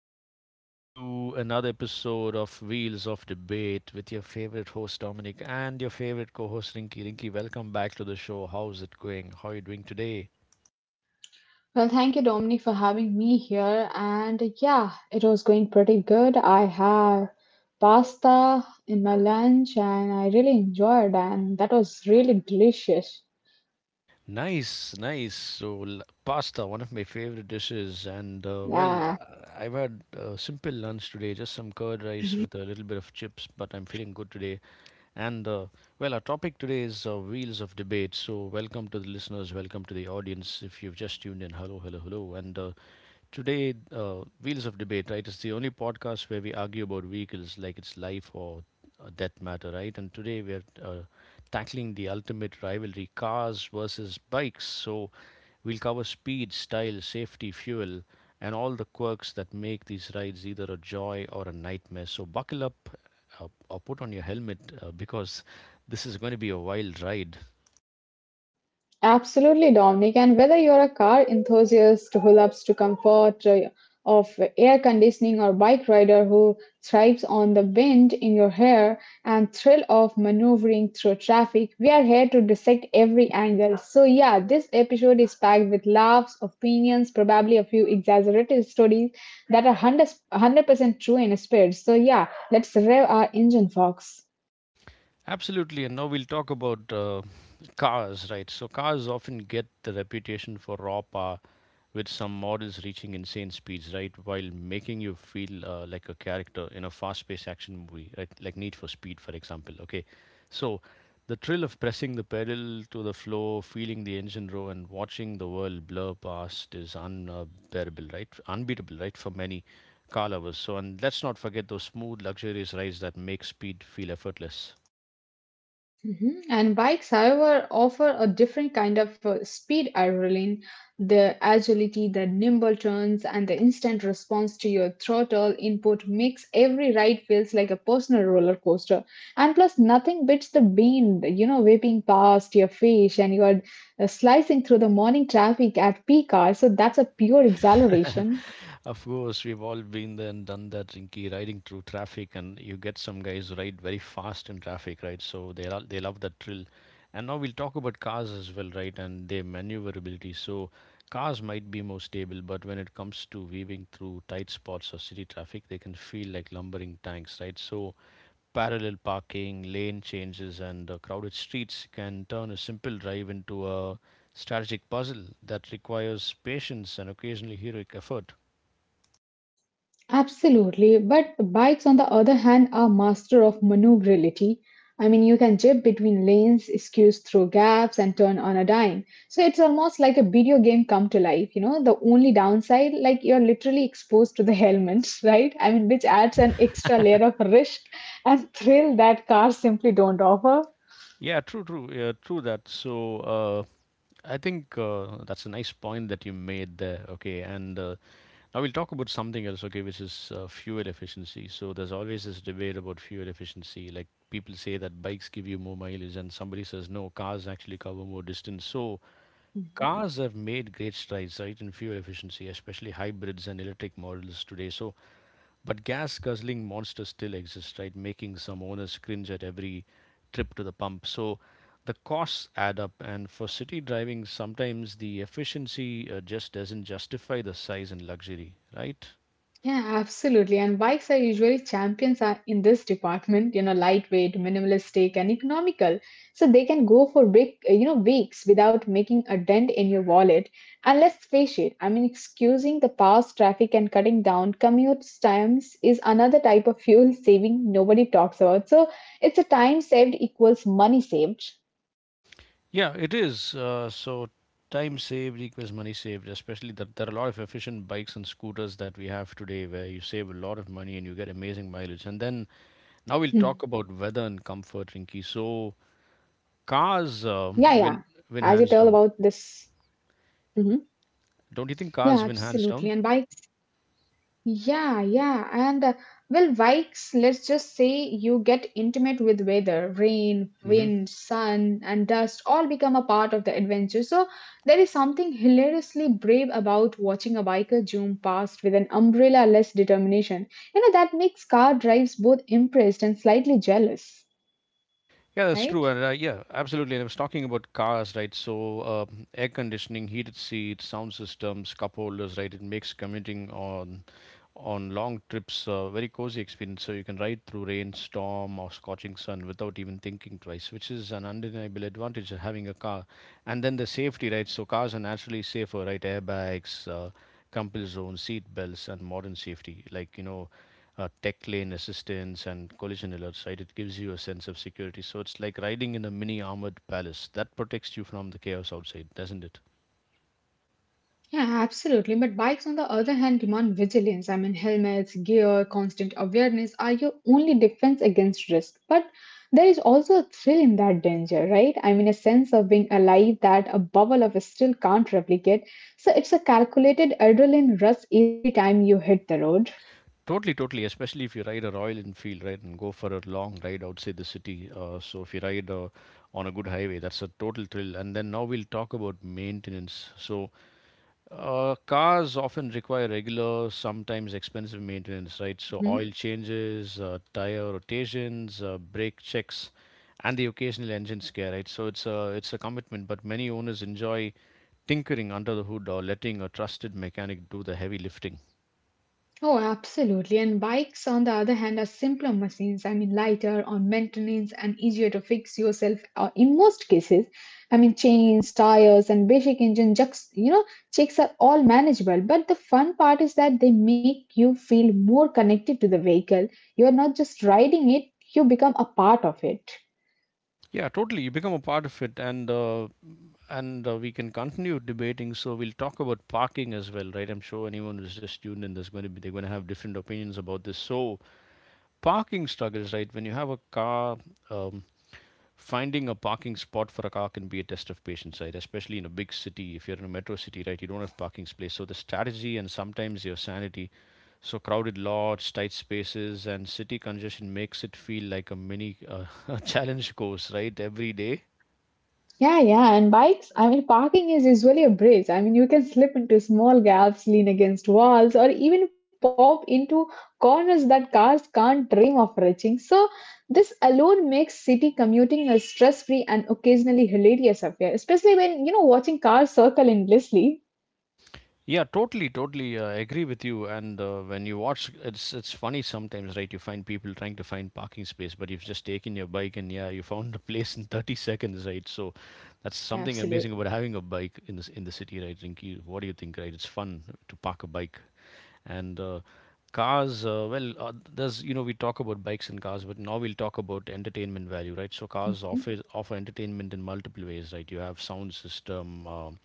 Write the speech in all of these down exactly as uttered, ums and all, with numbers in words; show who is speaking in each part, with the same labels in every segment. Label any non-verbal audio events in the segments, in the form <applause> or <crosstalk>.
Speaker 1: welcome to another episode of Wheels of Debate with your favorite host Dominic and your favorite co-host Rinky. Rinky, welcome back to the show. How's it going? How are you doing today?
Speaker 2: Well, thank you, Dominic, for having me here. And yeah, it was going pretty good. I have pasta in my lunch and I really enjoyed and that was really delicious.
Speaker 1: Nice, nice. So, l- pasta, one of my favorite dishes, and uh, well,
Speaker 2: Yeah.
Speaker 1: uh, I've had a simple lunch today, just some curd rice with a little bit of chips, but I'm feeling good today. And uh, well, our topic today is uh, wheels of debate, So, welcome to the listeners, welcome to the audience. If you've just tuned in, hello, hello, hello. And uh, today, uh, wheels of debate, right? It's the only podcast where we argue about vehicles like it's life or uh, death matter, right? And today we are uh, tackling the ultimate rivalry: cars versus bikes. So, we'll cover speed, style, safety, fuel, and all the quirks that make these rides either a joy or a nightmare. So buckle up, uh, or put on your helmet, uh, because this is going to be a wild ride.
Speaker 2: Absolutely, Dominic. And whether you're a car enthusiast who loves to comfort uh, of air conditioning or bike rider who thrives on the wind in your hair and thrill of maneuvering through traffic, we are here to dissect every angle. So yeah, this episode is packed with laughs, opinions, probably a few exaggerated stories that are one hundred percent true in spirit. So yeah, let's rev our engine, folks.
Speaker 1: Absolutely, and now we'll talk about uh, cars, right? So cars often get the reputation for raw power with some models reaching insane speeds, right? While making you feel uh, like a character in a fast paced action movie, right? Like Need for Speed, for example. Okay. So the thrill of pressing the pedal to the floor, feeling the engine roar, and watching the world blur past is unbearable, right? Unbeatable, right? For many car lovers. So, and let's not forget those smooth, luxurious rides that make speed feel effortless.
Speaker 2: Mhm. And bikes, however, offer a different kind of uh, speed adrenaline. The agility, the nimble turns, and the instant response to your throttle input makes every ride feels like a personal roller coaster. And plus, nothing beats the wind, you know, whipping past your face and you are uh, slicing through the morning traffic at peak hour. So that's a pure exhilaration.
Speaker 1: <laughs> Of course, we've all been there and done that, Rinky, riding through traffic, and you get some guys who ride very fast in traffic, right? So they lo- they love that thrill. And now we'll talk about cars as well, right? And their maneuverability. So cars might be more stable, but when it comes to weaving through tight spots or city traffic, they can feel like lumbering tanks, right? So parallel parking, lane changes, and uh, crowded streets can turn a simple drive into a strategic puzzle that requires patience and occasionally heroic effort.
Speaker 2: Absolutely, but bikes, on the other hand, are master of maneuverability. I mean, you can jib between lanes, squeeze through gaps, and turn on a dime. So it's almost like a video game come to life. You know, the only downside, like you're literally exposed to the helmets, <laughs> right? I mean, which adds an extra layer of risk and thrill that cars simply don't offer.
Speaker 1: Yeah, true, true, yeah, true that. So uh, I think uh, that's a nice point that you made there. Okay, and uh, now we'll talk about something else. Okay, which is uh, fuel efficiency. So there's always this debate about fuel efficiency. Like people say that bikes give you more mileage, and somebody says no, cars actually cover more distance. So cars have made great strides, right, in fuel efficiency, especially hybrids and electric models today. So, but gas guzzling monsters still exist, right, making some owners cringe at every trip to the pump. So, the costs add up, and for city driving, sometimes the efficiency uh, just doesn't justify the size and luxury, right?
Speaker 2: Yeah, absolutely. And bikes are usually champions are in this department, you know, lightweight, minimalistic, and economical. So they can go for big, uh, you know, weeks without making a dent in your wallet. And let's face it, I mean, excusing the past traffic and cutting down commute times is another type of fuel saving nobody talks about. So it's a time saved equals money saved.
Speaker 1: Yeah, it is. Uh, so time saved equals money saved, especially that there are a lot of efficient bikes and scooters that we have today where you save a lot of money and you get amazing mileage. And then now we'll talk
Speaker 2: Mm-hmm.
Speaker 1: about weather and comfort,
Speaker 2: Yeah, yeah.
Speaker 1: Rinky. So
Speaker 2: As you tell about
Speaker 1: cars
Speaker 2: this.
Speaker 1: uh, win win hands down.
Speaker 2: Mm-hmm. Yeah,
Speaker 1: Don't you think
Speaker 2: absolutely.
Speaker 1: cars
Speaker 2: And
Speaker 1: win
Speaker 2: bike.
Speaker 1: hands down?
Speaker 2: Yeah, yeah, and uh, Well, Vikes, let's just say you get intimate with weather, rain,
Speaker 1: Hmm.
Speaker 2: wind, sun, and dust all become a part of the adventure. So there is something hilariously brave about watching a biker zoom past with an umbrella-less determination. You know, that makes car drives both impressed and slightly jealous,
Speaker 1: Yeah, that's
Speaker 2: right?
Speaker 1: true. And uh, yeah, absolutely. And I was talking about cars, right? So uh, air conditioning, heated seats, sound systems, cup holders, right? It makes commuting on on long trips, uh, very cozy experience. So you can ride through rain, storm, or scorching sun without even thinking twice, which is an undeniable advantage of having a car. And then the safety, right? So cars are naturally safer, right? Airbags, uh, compass zones, seat belts, and modern safety, like you know, uh, tech lane assistance and collision alerts. Right? It gives you a sense of security. So it's like riding in a mini armored palace that protects you from the chaos outside, doesn't it?
Speaker 2: Yeah, absolutely. But bikes, on the other hand, demand vigilance. I mean, helmets, gear, constant awareness are your only defense against risk. But there is also a thrill in that danger, right? I mean, a sense of being alive that a bubble of still can't replicate. So it's a calculated adrenaline rush every time you hit the road.
Speaker 1: Totally, totally. Especially if you ride a Royal Enfield, right, and go for a long ride outside the city. Uh, so if you ride uh, on a good highway, that's a total thrill. And then now we'll talk about maintenance. So uh, cars often require regular, sometimes expensive maintenance, right? So oil changes, uh, tire rotations, uh, brake checks, and the occasional engine scare, right? So it's a it's a commitment, but many owners enjoy tinkering under the hood or letting a trusted mechanic do the heavy lifting.
Speaker 2: Oh, absolutely. And bikes, on the other hand, are simpler machines. I mean, lighter on maintenance and easier to fix yourself uh, in most cases. I mean, chains, tires, and basic engine jacks, you know, checks are all manageable. But the fun part is that they make you feel more connected to the vehicle. You are not just riding it, you become a part of it.
Speaker 1: Yeah, totally. You become a part of it, and uh, and uh, we can continue debating. So we'll talk about parking as well, right? I'm sure anyone who's just tuned in, there's going to be they're going to have different opinions about this. So parking struggles, right? When you have a car, um, finding a parking spot for a car can be a test of patience, right? Especially in a big city, if you're in a metro city, right? You don't have parking space, so the strategy and sometimes your sanity. So crowded lots, tight spaces, and city congestion makes it feel like a mini uh, <laughs> challenge course, right? Every day.
Speaker 2: Yeah, yeah, and bikes, I mean, parking is usually a bridge. I mean, you can slip into small gaps, lean against walls, or even pop into corners that cars can't dream of reaching. So, this alone makes city commuting a stress-free and occasionally hilarious affair, especially when, you know, watching cars circle endlessly.
Speaker 1: Yeah, totally, totally uh, agree with you. And uh, when you watch, it's it's funny sometimes, right? You find people trying to find parking space, but you've just taken your bike and yeah, you found a place in thirty seconds, right? So that's something
Speaker 2: Absolutely.
Speaker 1: amazing about having a bike in this in the city, right? Rinky, what do you think, right? It's fun to park a bike and. Uh, cars, uh, well uh, there's you know we talk about bikes and cars but now we'll talk about entertainment value, right? So cars offer offer entertainment in multiple ways, right? You have sound system, um,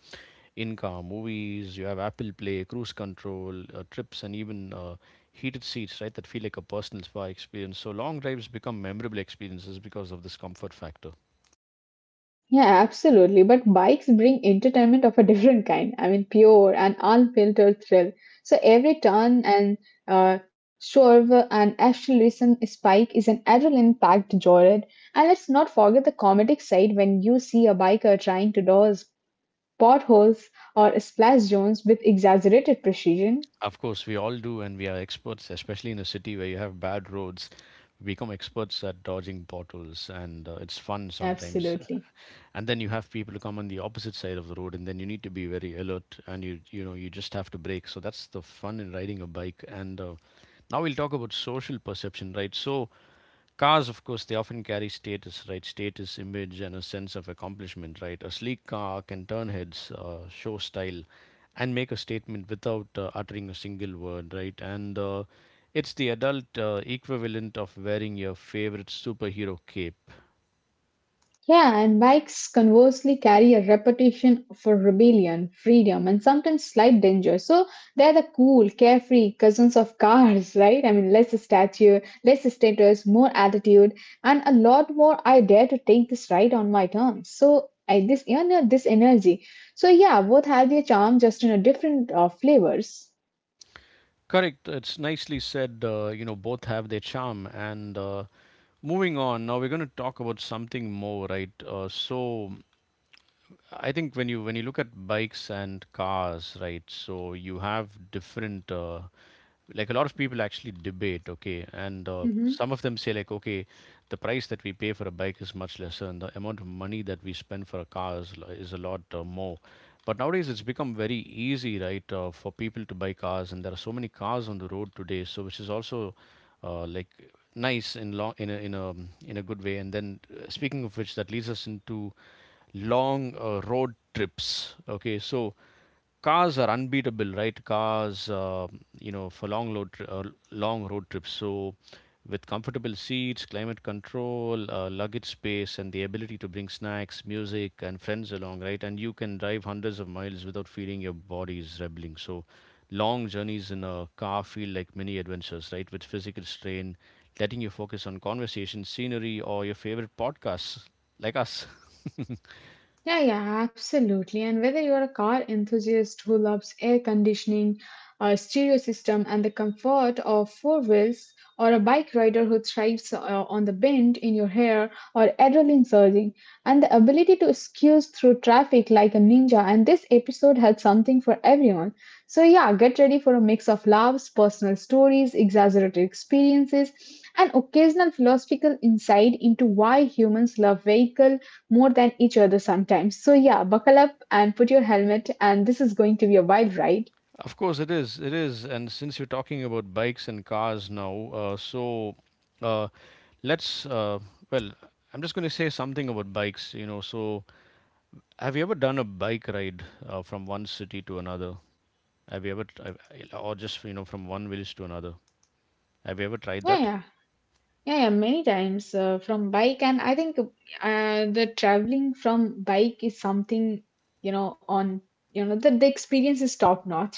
Speaker 1: in-car movies. You have Apple Play, cruise control, uh, trips, and even uh, heated seats, right? That feel like a personal spa experience. So long drives become memorable experiences because of this comfort factor.
Speaker 2: Yeah, absolutely. But bikes bring entertainment of a different kind. I mean, pure and unfiltered thrill. So every turn and uh, swerve and acceleration spike is an adrenaline-packed joyride. And let's not forget the comedic side when you see a biker trying to dodge potholes or splash zones with exaggerated precision.
Speaker 1: Of course, we all do, and we are experts, especially in a city where you have bad roads. We become experts at dodging potholes, and uh, it's fun sometimes.
Speaker 2: Absolutely.
Speaker 1: And then you have people who come on the opposite side of the road, and then you need to be very alert, and you you know you just have to brake. So that's the fun in riding a bike. And uh, now we'll talk about social perception, right? So cars, of course, they often carry status, right? Status, image, and a sense of accomplishment, right? A sleek car can turn heads, uh, show style, and make a statement without uh, uttering a single word, right? And uh, it's the adult uh, equivalent of wearing your favorite superhero cape.
Speaker 2: Yeah, and bikes conversely carry a reputation for rebellion, freedom, and sometimes slight danger. So they're the cool, carefree cousins of cars, <laughs> right? I mean, less stature, less status, more attitude, and a lot more. I dare to take this ride on my terms. So I this you know this energy. So yeah, both have their charm, just in a different uh, flavors.
Speaker 1: Correct. It's nicely said. Uh, you know, both have their charm. And uh, moving on, now we're going to talk about something more, right? Uh, so I think when you when you look at bikes and cars, right? So you have different uh, like a lot of people actually debate, okay, and uh,
Speaker 2: hmm
Speaker 1: some of them say like, okay, the price that we pay for a bike is much lesser, and the amount of money that we spend for a car is, lo- is a lot uh, more. But nowadays, it's become very easy, right, uh, for people to buy cars, and
Speaker 2: hmm
Speaker 1: there are so many cars on the road today. So, which is also uh, like nice in long in a in a in a good way. And then, uh, speaking of which, that leads us into long uh, road trips. Okay, so cars are unbeatable, right? Cars, uh, you know, for long load tri- uh, long road trips. So with comfortable seats, climate control, uh, luggage space, and the ability to bring snacks, music, and friends along, right? And you can drive hundreds of miles without feeling your body is rebelling. So long journeys in a car feel like mini adventures, right? With physical strain, letting you focus on conversation, scenery, or your favorite podcasts like us. <laughs>
Speaker 2: Yeah, yeah, absolutely. And whether you're a car enthusiast who loves air conditioning, a stereo system, and the comfort of four wheels, or a bike rider who thrives uh, on the bend in your hair or adrenaline surging, and the ability to excuse through traffic like a ninja, and this episode had something for everyone. So, yeah, get ready for a mix of laughs, personal stories, exaggerated experiences, and occasional philosophical insight into why humans love vehicles more than each other sometimes. So yeah, buckle up and put your helmet, and this is going to be a wild ride.
Speaker 1: Of course, it is. It is. And since you're talking about bikes and cars now, uh, so uh, let's, uh, well, I'm just going to say something about bikes, you know. So, have you ever done a bike ride uh, from one city to another? Have you ever, t- have- or just, you know, from one village to another? Have you ever tried
Speaker 2: Yeah,
Speaker 1: that?
Speaker 2: yeah, yeah, yeah. Many times uh, from bike, and I think uh, the traveling from bike is something you know on you know that the experience is top notch.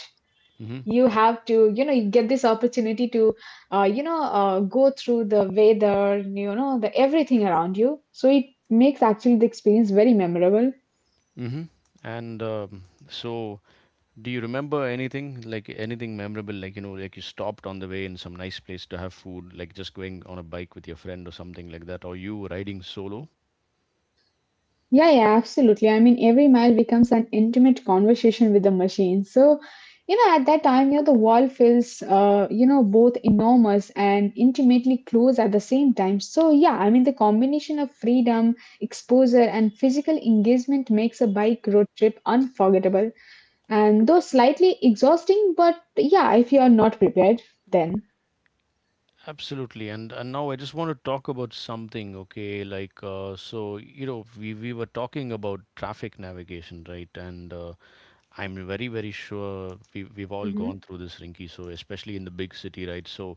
Speaker 1: Mm-hmm.
Speaker 2: You have to you know you get this opportunity to uh, you know uh, go through the weather, you know the everything around you. So it makes actually the experience very memorable.
Speaker 1: Mm-hmm. And um, so Do you remember anything like anything memorable? Like you know, like you stopped on the way in some nice place to have food, like just going on a bike with your friend or something like that, or you riding solo?
Speaker 2: Yeah, yeah, absolutely. I mean, every mile becomes an intimate conversation with the machine. So, you know, at that time, you know, the world feels, uh, you know, both enormous and intimately close at the same time. So, yeah, I mean, the combination of freedom, exposure, and physical engagement makes a bike road trip unforgettable. And though slightly exhausting, but yeah, if you are not prepared, then.
Speaker 1: Absolutely. And and now I just want to talk about something. Okay, like uh, so you know we we were talking about traffic navigation, right? And uh, I'm very very sure we we've all
Speaker 2: Mhm.
Speaker 1: gone through this, Rinky. So especially in the big city, right? So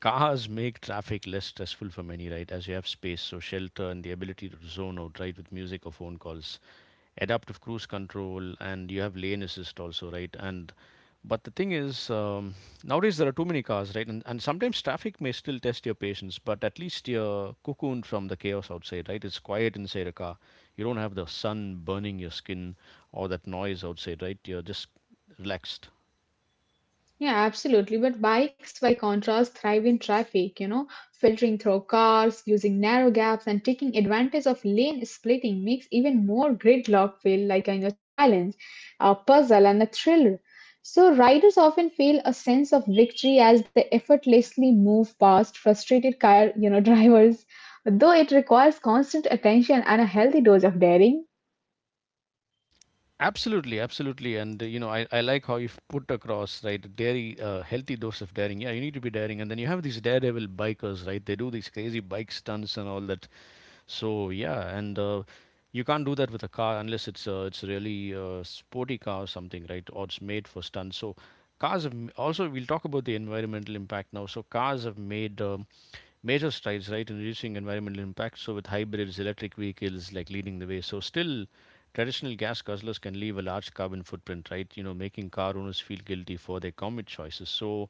Speaker 1: cars make traffic less stressful for many, right? As you have space, so shelter and the ability to zone out, right, with music or phone calls, adaptive cruise control, and you have lane assist also, right? And but the thing is, um, nowadays there are too many cars, right? And, and sometimes traffic may still test your patience, but at least you're cocooned from the chaos outside, right? It's quiet inside a car. You don't have the sun burning your skin or that noise outside, right? You're just relaxed.
Speaker 2: Yeah, absolutely. But bikes, by contrast, thrive in traffic, you know, filtering through cars, using narrow gaps, and taking advantage of lane splitting makes even more gridlock feel like a you know, challenge, a puzzle, and a thriller. So, riders often feel a sense of victory as they effortlessly move past frustrated car, you know, <laughs> drivers, though it requires constant attention and a healthy dose of daring.
Speaker 1: Absolutely, absolutely, and uh, you know, I, I like how you've put across right dairy, uh, healthy dose of daring. Yeah, you need to be daring, and then you have these daredevil bikers, right? They do these crazy bike stunts and all that. So yeah, and uh, you can't do that with a car unless it's uh, it's really uh, sporty car or something, right? Or it's made for stunts. So cars have m- also we'll talk about the environmental impact now. So cars have made um, major strides, right, in reducing environmental impact. So with hybrids, electric vehicles like leading the way. So still. Traditional gas guzzlers can leave a large carbon footprint, right? You know, making car owners feel guilty for their commute choices. So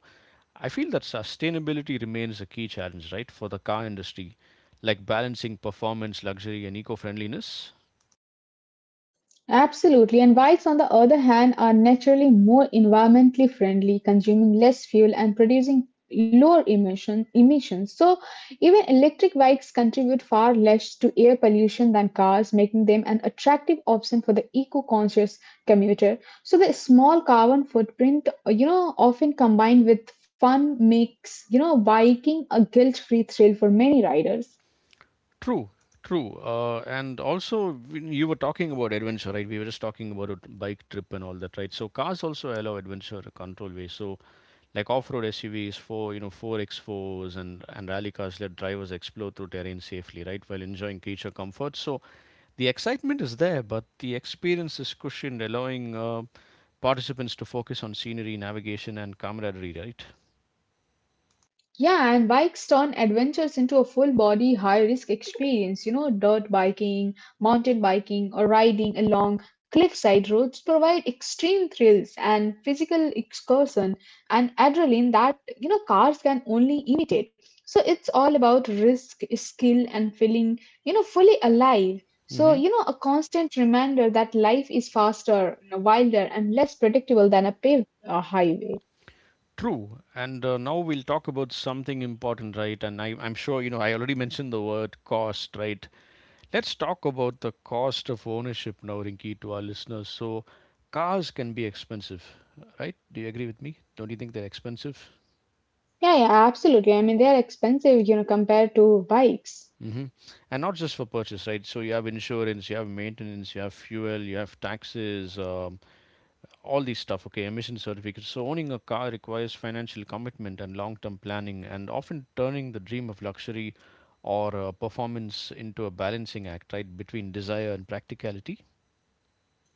Speaker 1: I feel that sustainability remains a key challenge, right, for the car industry, like balancing performance, luxury, and eco-friendliness.
Speaker 2: Absolutely. And bikes, on the other hand, are naturally more environmentally friendly, consuming less fuel and producing lower emission emissions. So even electric bikes contribute far less to air pollution than cars, making them an attractive option for the eco-conscious commuter. So the small carbon footprint, you know, often combined with fun makes, you know, biking a guilt-free thrill for many riders.
Speaker 1: True, true. Uh, and also, when you were talking about adventure, right? We were just talking about a bike trip and all that, right? So cars also allow adventure a control way. So like off-road S U Vs, four you know four X fours and and rally cars let drivers explore through terrain safely, right, while enjoying creature comfort. So the excitement is there, but the experience is cushioned, allowing uh, participants to focus on scenery, navigation, and camaraderie, right?
Speaker 2: Yeah, and bikes turn adventures into a full body, high risk experience. You know, dirt biking, mountain biking, or riding along cliffside roads provide extreme thrills and physical excursion and adrenaline that, you know, cars can only imitate. So it's all about risk, skill, and feeling, you know, fully alive. So,
Speaker 1: Hmm.
Speaker 2: you know, a constant reminder that life is faster, wilder, and less predictable than a paved uh, highway.
Speaker 1: True. And uh, now we'll talk about something important, right? And I, I'm sure, you know, I already mentioned the word cost, right? Let's talk about the cost of ownership now, Rinki, to our listeners. So cars can be expensive, right? Do you agree with me? Don't you think they're expensive?
Speaker 2: Yeah, yeah, absolutely. I mean, they are expensive, you know, compared to bikes.
Speaker 1: Hmm. And not just for purchase, right? So you have insurance, you have maintenance, you have fuel, you have taxes, um, all these stuff, okay? Emission certificates. So owning a car requires financial commitment and long term planning, and often turning the dream of luxury or uh, performance into a balancing act, right, between desire and practicality.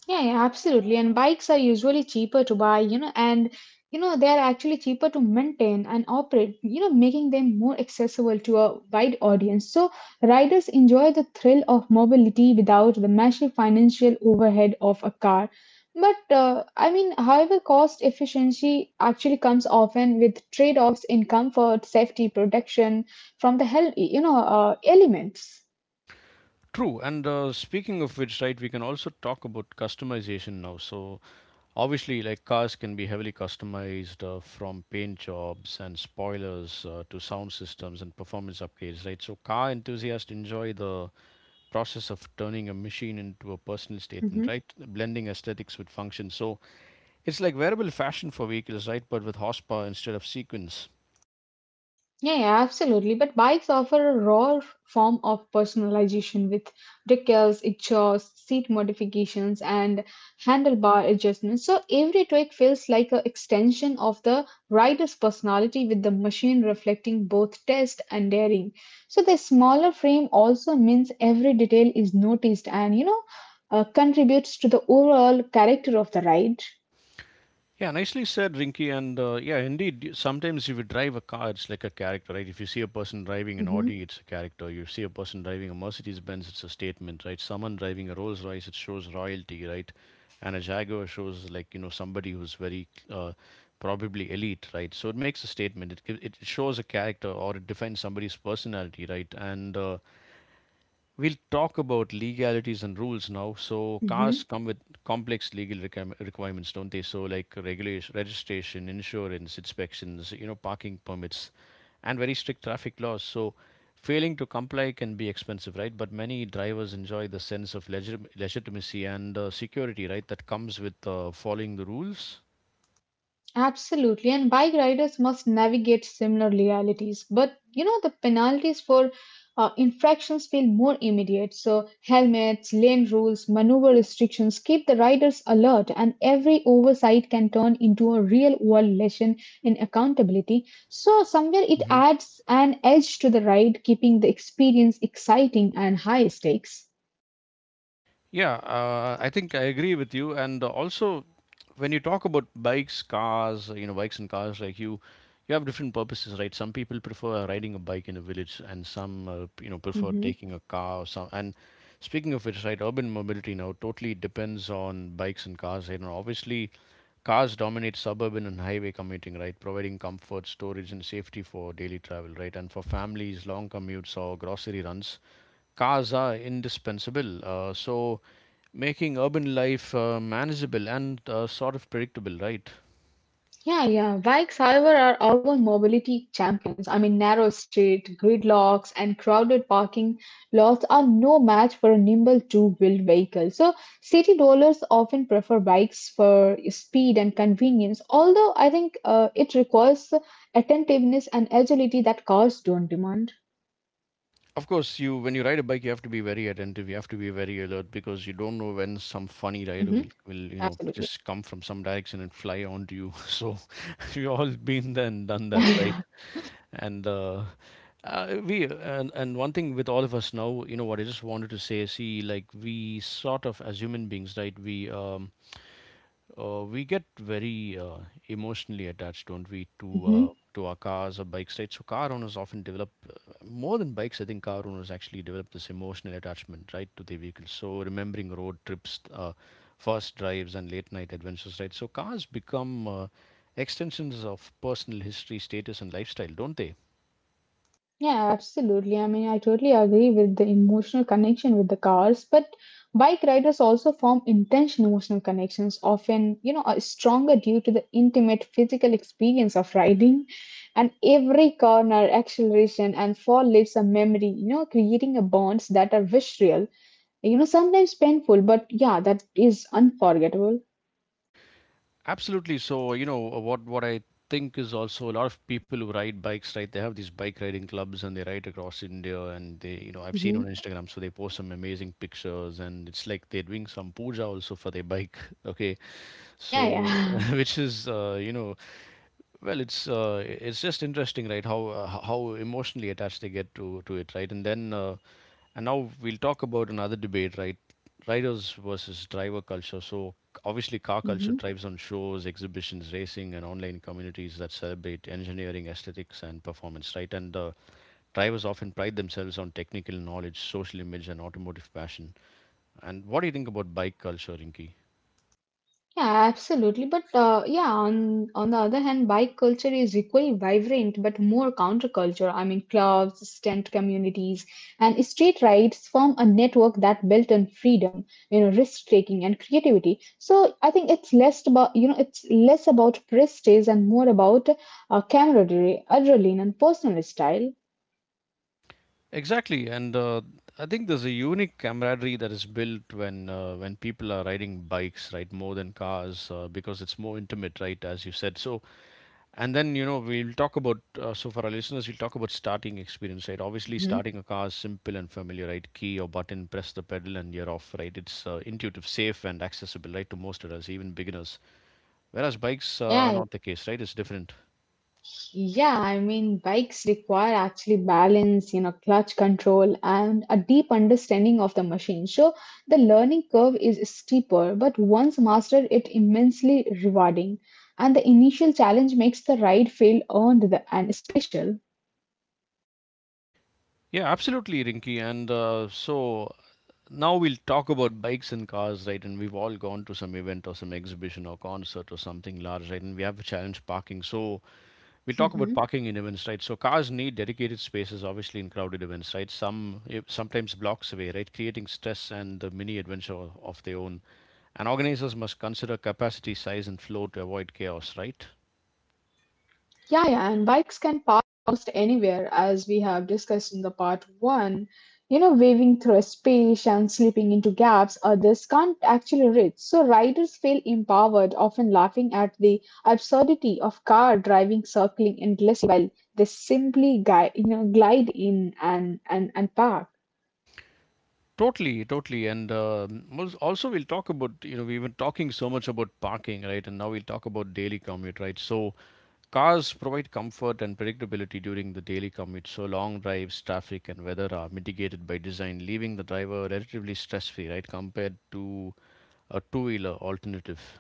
Speaker 2: Yeah, yeah, absolutely. And bikes are usually cheaper to buy, you know, and you know, they are actually cheaper to maintain and operate, you know, making them more accessible to a wide audience. So riders enjoy the thrill of mobility without the massive financial overhead of a car. But uh, I mean, however, cost efficiency actually comes often with trade-offs in comfort, safety, protection from the hell, you know, uh, elements.
Speaker 1: True, and uh, speaking of which, right, we can also talk about customization now. So obviously, like cars can be heavily customized uh, from paint jobs and spoilers uh, to sound systems and performance upgrades, right? So car enthusiasts enjoy the process of turning a machine into a personal statement,
Speaker 2: Mhm.
Speaker 1: right? Blending aesthetics with function. So it's like wearable fashion for vehicles, right? But with horsepower instead of sequence.
Speaker 2: Yeah, yeah, absolutely. But bikes offer a raw form of personalization with decals, exhaust, seat modifications, and handlebar adjustments. So every tweak feels like an extension of the rider's personality, with the machine reflecting both taste and daring. So the smaller frame also means every detail is noticed and you know uh, contributes to the overall character of the ride.
Speaker 1: Yeah, nicely said, Rinky. And uh, yeah, indeed, y- sometimes if you drive a car, it's like a character, right? If you see a person driving an
Speaker 2: Mm-hmm.
Speaker 1: Audi, it's a character. You see a person driving a Mercedes Benz, it's a statement, right? Someone driving a Rolls Royce, it shows royalty, right? And a Jaguar shows like, you know, somebody who's very uh, probably elite, right? So it makes a statement. It, gi- it shows a character or it defines somebody's personality, right? And uh, we'll talk about legalities and rules now. So cars come with complex legal requirem- requirements, don't they? So like regulation, registration, insurance, inspections, you know, parking permits, and very strict traffic laws. So failing to comply can be expensive, right? But many drivers enjoy the sense of legit- legitimacy and uh, security, right, that comes with uh, following the rules.
Speaker 2: Absolutely, and bike riders must navigate similar realities. But you know, the penalties for uh, infractions feel more immediate. So, helmets, lane rules, maneuver restrictions keep the riders alert, and every oversight can turn into a real world lesson in accountability. So, somewhere it
Speaker 1: Hmm.
Speaker 2: adds an edge to the ride, keeping the experience exciting and high stakes.
Speaker 1: Yeah, uh, I think I agree with you. And uh, also, when you talk about bikes, cars, you know, bikes and cars, like you, you have different purposes, right? Some people prefer riding a bike in a village, and some, uh, you know, prefer
Speaker 2: Mhm.
Speaker 1: taking a car or some. And speaking of which, right, urban mobility now totally depends on bikes and cars. You know, obviously, cars dominate suburban and highway commuting, right, providing comfort, storage, and safety for daily travel, right, and for families, long commutes or grocery runs, cars are indispensable. Uh, so making urban life uh, manageable and uh, sort of predictable, right?
Speaker 2: Yeah, yeah. Bikes, however, are urban mobility champions. I mean, narrow street, gridlocks, and crowded parking lots are no match for a nimble two-wheeled vehicle. So, city dwellers often prefer bikes for speed and convenience, although I think uh, it requires attentiveness and agility that cars don't demand.
Speaker 1: Of course, you when you ride a bike, you have to be very attentive. You have to be very alert
Speaker 2: hmm
Speaker 1: because you don't know when some
Speaker 2: Absolutely. <laughs>
Speaker 1: funny rider will, will you know just come from some direction and fly onto you. <laughs> So <laughs> we all been there and done that,
Speaker 2: Yeah.
Speaker 1: right? And uh, uh, we and and one thing with all of us now, you know what I just wanted to say. See, like we sort of as human beings, right? We um, Uh, we get very uh, emotionally attached, don't we, to uh,
Speaker 2: Mm-hmm.
Speaker 1: to our cars or bikes, right? So car owners often develop uh, more than bikes. I think car owners actually develop this emotional attachment, right, to their vehicles. So remembering road trips, uh, first drives, and late night adventures, right? So cars become uh, extensions of personal history, status, and lifestyle, don't they?
Speaker 2: Yeah, absolutely. I mean, I totally agree with the emotional connection with the cars, but bike riders also form intense emotional connections, often, you know, are stronger due to the intimate physical experience of riding. And every corner, acceleration, and fall leaves a memory, you know, creating a bonds that are visceral, you know, sometimes painful, but yeah, that is unforgettable.
Speaker 1: Absolutely. So, you know, uh, what what I think is also a lot of people who ride bikes, right? They have these bike riding clubs and they ride across India and they, you know, I've seen
Speaker 2: hmm
Speaker 1: on Instagram, so they post some amazing pictures and it's like they're doing some puja also for their bike. <laughs> Okay.
Speaker 2: Yeah,
Speaker 1: So
Speaker 2: yeah.
Speaker 1: <laughs> which is, uh, you know, well, it's uh, it's just interesting, right? How uh, h- how emotionally attached they get to to it, right? And then uh, and now we'll talk about another debate, right? Riders versus driver culture. So c- obviously, car culture
Speaker 2: <laughs>
Speaker 1: thrives on shows, exhibitions, racing, and online communities that celebrate engineering, aesthetics, and performance. Right, and the drivers often pride themselves on technical knowledge, social image, and automotive passion. And what do you think about bike culture, Rinki?
Speaker 2: Yeah, absolutely. But uh, yeah, on on the other hand, bike culture is equally vibrant but more counterculture. I mean, clubs, tent communities, and street rides form a network that built on freedom, you know, risk taking and creativity. So I think it's less about you know it's less about prestige and more about uh, camaraderie, adrenaline, and personal style.
Speaker 1: Exactly, and uh, I think there's a unique camaraderie that is built when uh, when people are riding bikes, right, more than cars, uh, because it's more intimate, right, as you said. So and then, you know, we'll talk about, uh, so for our listeners, we'll talk about starting experience, right? Obviously,
Speaker 2: hmm
Speaker 1: starting a car is simple and familiar, right? Key or button, press the pedal, and you're off, right? It's uh, intuitive, safe, and accessible, right, to most of us, even beginners. Whereas bikes uh, are
Speaker 2: Yeah,
Speaker 1: not the case, right? It's different.
Speaker 2: yeah, I mean, bikes require actually balance, you know, clutch control, and a deep understanding of the machine. So the learning curve is steeper, but once mastered, it immensely rewarding. And the initial challenge makes the ride feel earned the, and special.
Speaker 1: Yeah, absolutely, Rinky. And uh, so now we'll talk about bikes and cars, right? And we've all gone to some event or some exhibition or concert or something large, right? And we have a challenge parking. So we'll talk about parking in event sites. So cars need dedicated spaces, obviously, in crowded event sites. Some eh, sometimes blocks away, right, creating stress and the mini adventure of their own. And organizers must consider capacity, size, and flow to avoid chaos, right?
Speaker 2: Yeah, yeah, and bikes can park almost anywhere, as we have discussed in the part one. You know, weaving through space and slipping into gaps others can't actually reach. So riders feel empowered, often laughing at the absurdity of car driving, circling endlessly while they simply guide, you know, glide in and and and park.
Speaker 1: Totally, totally, and um, also we'll talk about you know we've been talking so much about parking, right? And now we'll talk about daily commute, right? So cars provide comfort and predictability during the daily commute, so long drives, traffic, and weather are mitigated by design, leaving the driver relatively stress free, right, compared to a two wheeler alternative.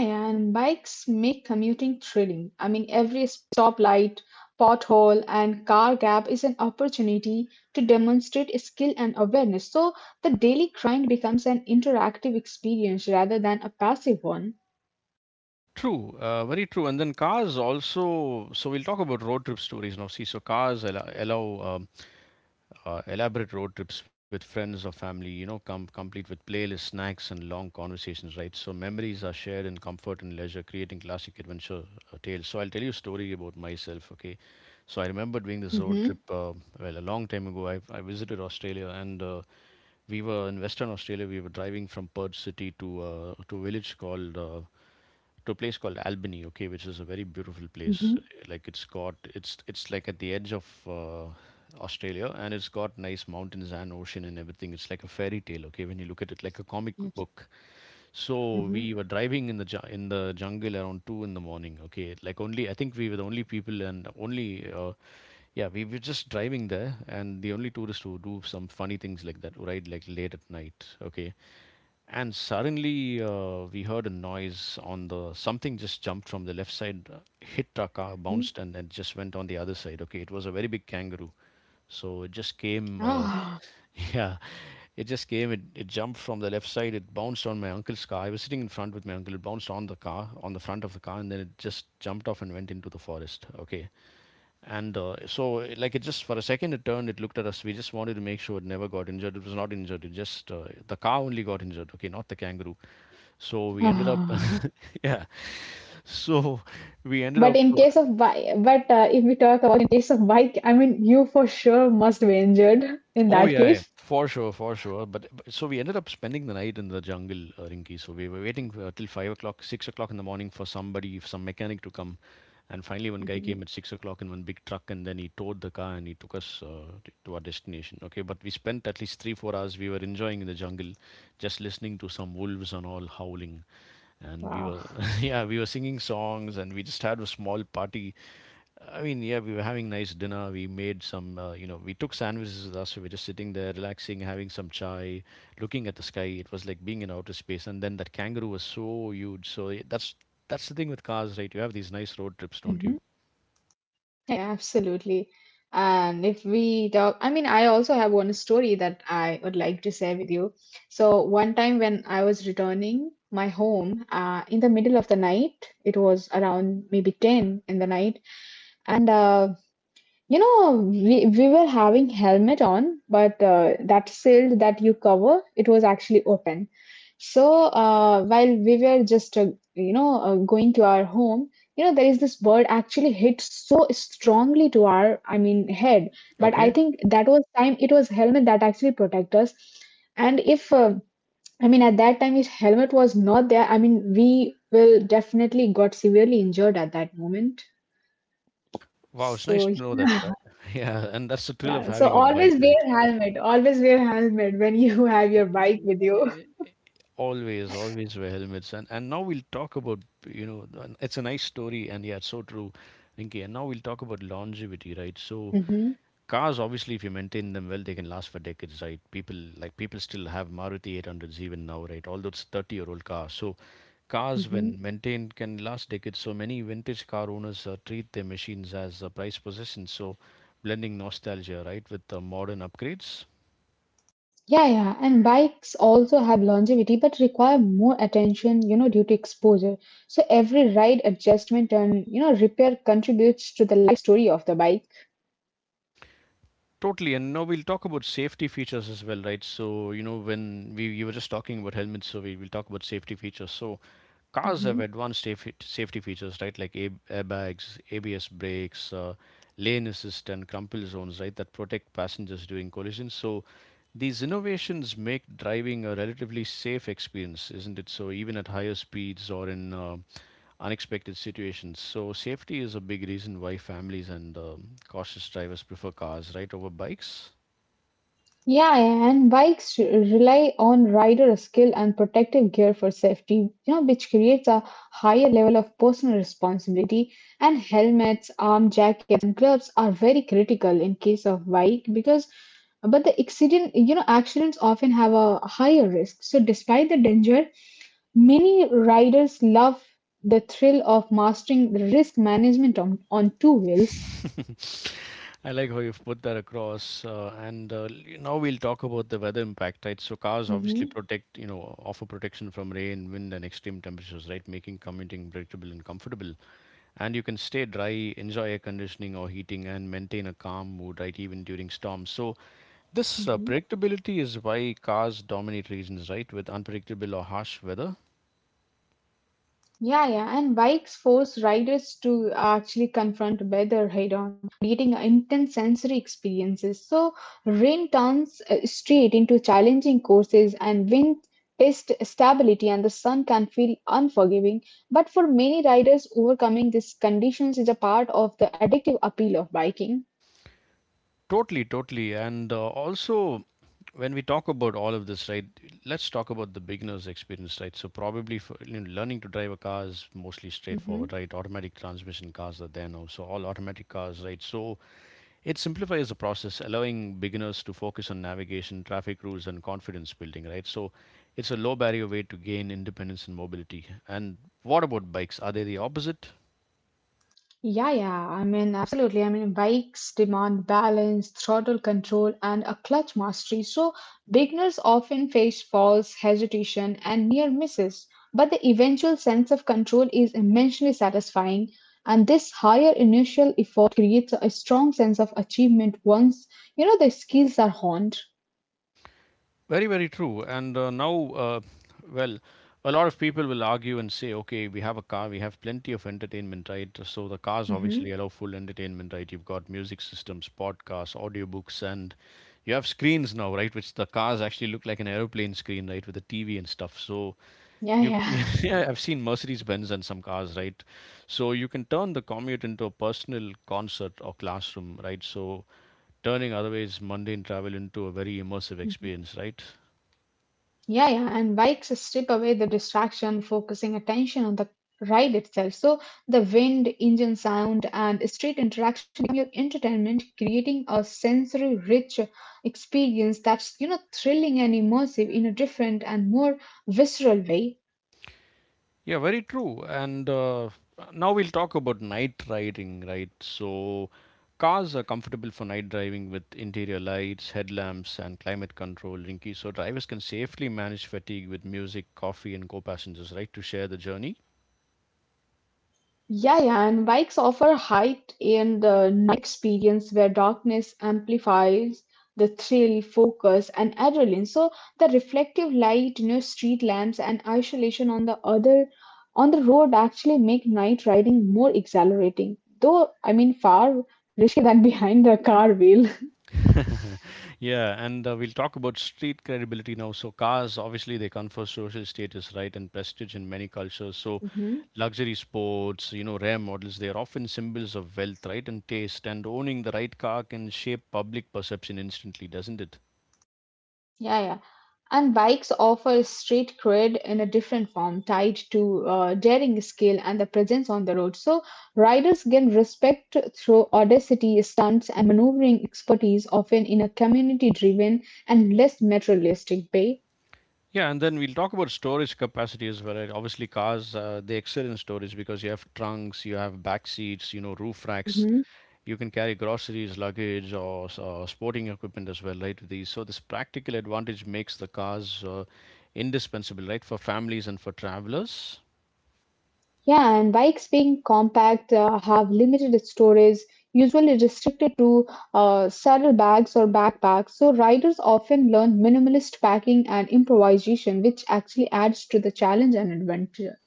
Speaker 2: Yeah, yeah, and bikes make commuting thrilling. I mean, every stoplight, pothole, and car gap is an opportunity to demonstrate skill and awareness. So the daily grind becomes an interactive experience rather than a passive one.
Speaker 1: True, uh, very true. And then cars also. So we'll talk about road trip stories now. See, so cars allow, allow uh, elaborate road trips with friends or family, you know, com- complete with playlists, snacks, and long conversations, right? So memories are shared in comfort and leisure, creating classic adventure uh, tales. So I'll tell you a story about myself, okay? So I remember doing this road trip,
Speaker 2: Hmm.
Speaker 1: uh, well, a long time ago. I, I visited Australia and uh, we were in Western Australia. We were driving from Perth city to uh, to a village called uh, to a place called Albany, okay, which is a very beautiful place.
Speaker 2: Hmm.
Speaker 1: Like it's got it's it's like at the edge of uh, Australia, and it's got nice mountains and ocean and everything. It's like a fairy tale, okay, when you look at it like a comic
Speaker 2: Yes.
Speaker 1: book. So
Speaker 2: Hmm.
Speaker 1: we were driving in the ju- in the jungle around two in the morning. Okay, like only I think we were the only people and only uh, yeah, we were just driving there and the only tourists who do some funny things like that, right? Like late at night. Okay, and suddenly uh, we heard a noise on the something just jumped from the left side uh, hit our car bounced and then just went on the other side. Okay, it was a very big kangaroo. So it just came uh,
Speaker 2: Ah,
Speaker 1: <laughs> yeah, it just came, it, it jumped from the left side, it bounced on my uncle's car. I was sitting in front with my uncle. It bounced on the car, on the front of the car, and then it just jumped off and went into the forest. Okay, and uh, so, uh, like, it just for a second it turned, it looked at us. We just wanted to make sure it never got injured. It was not injured. It just, uh, the cow only got injured, okay, not the kangaroo. So we ended up,
Speaker 2: ah. <sighs>
Speaker 1: <laughs> yeah. So we ended up,
Speaker 2: But in
Speaker 1: uh,
Speaker 2: case of bike, but uh, if we talk about in case of bike, I mean, you for sure must be injured in
Speaker 1: Oh
Speaker 2: that
Speaker 1: yeah, yeah,
Speaker 2: case.
Speaker 1: for sure, for sure. But, but so we ended up spending the night in the jungle, uh, Rinki. So we were waiting for, uh, till five o'clock, six o'clock in the morning for somebody, some mechanic to come. And finally, one guy
Speaker 2: Hmm.
Speaker 1: came at six o'clock in one big truck, and then he towed the car and he took us uh, t- to our destination. Okay, but we spent at least three, four hours. We were enjoying in the jungle, just listening to some wolves and all howling, and we
Speaker 2: Wow.
Speaker 1: were, <laughs> yeah, we were singing songs, and we just had a small party. I mean, yeah, we were having nice dinner. We made some, uh, you know, we took sandwiches with us. We are just sitting there, relaxing, having some chai, looking at the sky. It was like being in outer space. And then that kangaroo was so huge. So it- that's that's the thing with cars, right? You have these nice road trips, don't you?
Speaker 2: Absolutely. And if we talk, I mean, I also have one story that I would like to share with you. So, one time when I was returning my home uh, in the middle of the night, it was around maybe ten in the night. And, uh, you know, we, we were having helmet on, but uh, that shield that you cover, it was actually open. So uh, while we were just uh, you know uh, going to our home, you know there is this bird actually hit so strongly to our I mean head. But I
Speaker 1: Okay.
Speaker 2: think that was time it was helmet that actually protect us. And if uh, I mean at that time if helmet was not there, I mean we will definitely got severely injured at that moment.
Speaker 1: Wow, it's nice to
Speaker 2: So
Speaker 1: know that, right?
Speaker 2: yeah,
Speaker 1: <laughs> Yeah, and that's the
Speaker 2: <laughs>
Speaker 1: thrill of
Speaker 2: yeah.
Speaker 1: having
Speaker 2: So
Speaker 1: a bike,
Speaker 2: always
Speaker 1: right?
Speaker 2: wear helmet. Always wear helmet when you <laughs> have your bike with you.
Speaker 1: Always, always wear helmets. And and now we'll talk about, you know, and it's a nice story, and yeah, it's so true, Rinki. And now we'll talk about longevity, right? So
Speaker 2: <laughs>
Speaker 1: cars, obviously, if you maintain them well, they can last for decades, right? People like people still have Maruti eight hundreds even now, right? Although it's thirty-year-old car. So cars,
Speaker 2: hmm.
Speaker 1: when maintained, can last decades. So many vintage car owners uh, treat their machines as uh, prized possessions. So blending nostalgia, right, with uh, modern upgrades.
Speaker 2: Yeah, yeah, and bikes also have longevity but require more attention, you know, due to exposure. So every ride adjustment and, you know, repair contributes to the life story of the bike.
Speaker 1: Totally, and now we'll talk about safety features as well, right? So you know when we you were just talking about helmets, so we will talk about safety features. So cars have
Speaker 2: Mhm.
Speaker 1: advanced safety safety features, right? Like air- airbags, A B S brakes, uh, lane assist, and crumple zones, right? That protect passengers during collisions. So these innovations make driving a relatively safe experience, isn't it? So even at higher speeds or in uh, unexpected situations. So safety is a big reason why families and um, cautious drivers prefer cars, right, over bikes.
Speaker 2: Yeah, and bikes re- rely on rider skill and protective gear for safety, you know, which creates a higher level of personal responsibility. And helmets, arm jackets, and gloves are very critical in case of bike because, but the accident, you know, accidents often have a higher risk. So despite the danger, many riders love the thrill of mastering the risk management on, on two wheels.
Speaker 1: <laughs> I like how you've put that across. Uh, and uh, l- now we'll talk about the weather impact, right? So cars obviously
Speaker 2: Mm-hmm.
Speaker 1: protect, you know, offer protection from rain, wind, and extreme temperatures, right? Making commuting predictable and comfortable. And you can stay dry, enjoy air conditioning or heating, and maintain a calm mood, right? Even during storms. So this uh, predictability is why cars dominate regions, right? With unpredictable or harsh weather.
Speaker 2: Yeah, yeah, and bikes force riders to actually confront weather head on, creating intense sensory experiences. So, rain turns uh, straight into challenging courses, and wind test stability, and the sun can feel unforgiving. But for many riders, overcoming these conditions is a part of the addictive appeal of biking.
Speaker 1: Totally, totally, and uh, also when we talk about all of this, right, let's talk about the beginner's experience, right? So probably for, you know, learning to drive a car is mostly
Speaker 2: Mhm.
Speaker 1: straightforward, right? Automatic transmission cars are there now, so all automatic cars, right? So it simplifies the process, allowing beginners to focus on navigation, traffic rules and confidence building, right? So it's a low barrier way to gain independence and mobility. And what about bikes, are they the opposite?
Speaker 2: Yeah, yeah. I mean, absolutely. I mean, bikes demand balance, throttle control, and a clutch mastery. So, beginners often face falls, hesitation, and near misses. But the eventual sense of control is immensely satisfying. And this higher initial effort creates a strong sense of achievement once, you know, the skills are honed.
Speaker 1: Very, very true. And uh, now, uh, well, a lot of people will argue and say, okay, we have a car, we have plenty of entertainment, right? So the cars obviously
Speaker 2: Hmm.
Speaker 1: allow full entertainment, right? You've got music systems, podcasts, audiobooks, and you have screens now, right? Which the cars actually look like an aeroplane screen, right? With a T V and stuff. So
Speaker 2: Yeah,
Speaker 1: you, <laughs>
Speaker 2: yeah.
Speaker 1: yeah, I've seen Mercedes Benz and some cars, right? So you can turn the commute into a personal concert or classroom, right? So turning otherwise mundane travel into a very immersive
Speaker 2: <laughs>
Speaker 1: experience, right?
Speaker 2: Yeah, yeah, and bikes strip away the distraction, focusing attention on the ride itself. So the wind, engine sound, and street interaction become your entertainment, creating a sensory rich experience that's you know thrilling and immersive in a different and more visceral way.
Speaker 1: Yeah, very true. And uh, now we'll talk about night riding, right? So cars are comfortable for night driving with interior lights, headlamps, and climate control, Rinky. So drivers can safely manage fatigue with music, coffee, and co passengers, right, to share the journey.
Speaker 2: Yeah, yeah, and bikes offer height and the night experience where darkness amplifies the thrill, focus, and adrenaline. So the reflective light, you know, street lamps, and isolation on the other on the road actually make night riding more exhilarating. Though I mean, far riskier <laughs> than behind the car wheel.
Speaker 1: <laughs> Yeah, and uh, we'll talk about street credibility now. So cars obviously they confer social status, right, and prestige in many cultures. So
Speaker 2: <laughs>
Speaker 1: luxury sports, you know, rare models, they are often symbols of wealth, right, and taste. And owning the right car can shape public perception instantly, doesn't it?
Speaker 2: Yeah, yeah. And bikes offer street cred in a different form, tied to uh, daring skill and the presence on the road. So riders gain respect through audacity, stunts, and maneuvering expertise, often in a community-driven and less materialistic way.
Speaker 1: Yeah, and then we'll talk about storage capacity as well, right? Obviously, cars uh, they excel in storage because you have trunks, you have back seats, you know, roof racks.
Speaker 2: Mm-hmm.
Speaker 1: You can carry groceries, luggage, or, s- or sporting equipment as well, right? with These so this practical advantage makes the cars uh, indispensable, right, for families and for travelers.
Speaker 2: Yeah, and bikes being compact uh, have limited storage, usually restricted to uh, saddlebags or backpacks. So riders often learn minimalist packing and improvisation, which actually adds to the challenge and adventure.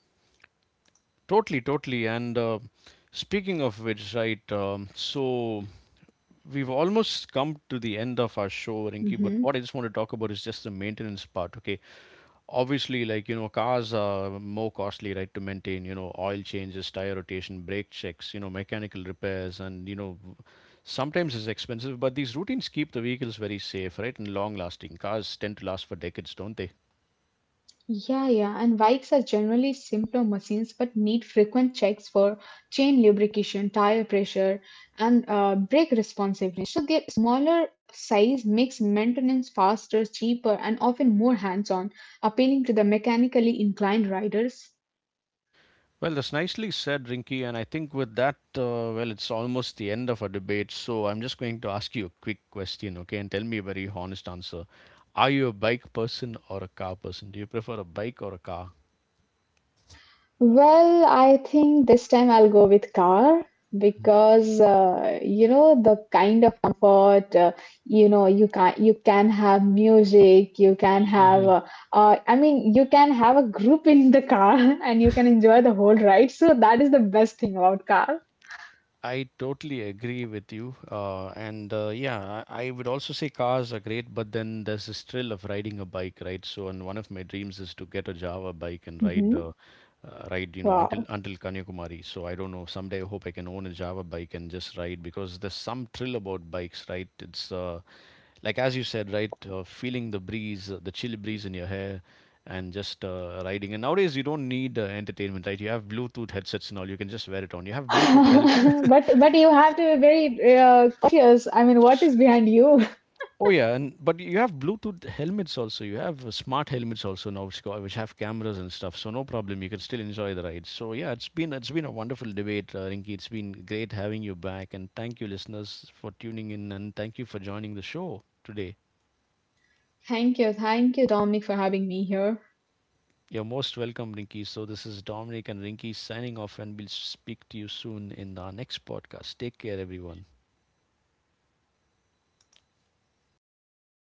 Speaker 1: Totally, totally. And uh, speaking of which, right, um, so we've almost come to the end of our show, Rinki, but
Speaker 2: Mhm.
Speaker 1: what I just want to talk about is just the maintenance part, okay? Obviously, like, you know, cars are more costly, right, to maintain, you know, oil changes, tire rotation, brake checks, you know, mechanical repairs, and, you know, sometimes it's expensive, but these routines keep the vehicles very safe, right, and long lasting. Cars tend to last for decades, don't they?
Speaker 2: Yeah, yeah, and bikes are generally simpler machines but need frequent checks for chain lubrication, tire pressure, and uh, brake responsiveness. So, their smaller size makes maintenance faster, cheaper, and often more hands on, appealing to the mechanically inclined riders.
Speaker 1: Well, that's nicely said, Rinky. And I think with that, uh, well, it's almost the end of our debate. So I'm just going to ask you a quick question, okay? And tell me a very honest answer. Are you a bike person or a car person? Do you prefer a bike or a car?
Speaker 2: Well, I think this time I'll go with car because uh, you know the kind of comfort uh, you know you can you can have music, you can have uh, uh, I mean you can have a group in the car <laughs> and you can enjoy the whole ride. So that is the best thing about car.
Speaker 1: I totally agree with you. Uh, and uh, yeah, I I would also say cars are great, but then there's this thrill of riding a bike, right? So, and one of my dreams is to get a Java bike and ride,
Speaker 2: Hmm.
Speaker 1: uh, uh, ride, you know, until
Speaker 2: Wow.
Speaker 1: until Kanyakumari. So I don't know. Someday I hope I can own a Java bike and just ride because there's some thrill about bikes, right? It's uh, like as you said, right? Uh, feeling the breeze, uh, the chill breeze in your hair, and just uh, riding. And nowadays you don't need uh, entertainment, right? You have Bluetooth headsets and all. You can just wear it on. You have Bluetooth help.
Speaker 2: <laughs> But but you have to be very uh, cautious. I mean, what is behind you?
Speaker 1: Oh yeah, and but you have Bluetooth helmets also. You have uh, smart helmets also now, which go- which have cameras and stuff. So no problem, you can still enjoy the ride. So yeah, it's been it's been a wonderful debate, uh, Rinky. It's been great having you back, and thank you, listeners, for tuning in, and thank you for joining the show today.
Speaker 2: <laughs> Thank you, thank you, Dominic, for having me here.
Speaker 1: You're most welcome, Rinky. So this is Dominic and Rinky signing off, and we'll speak to you soon in our next podcast. Take care, everyone.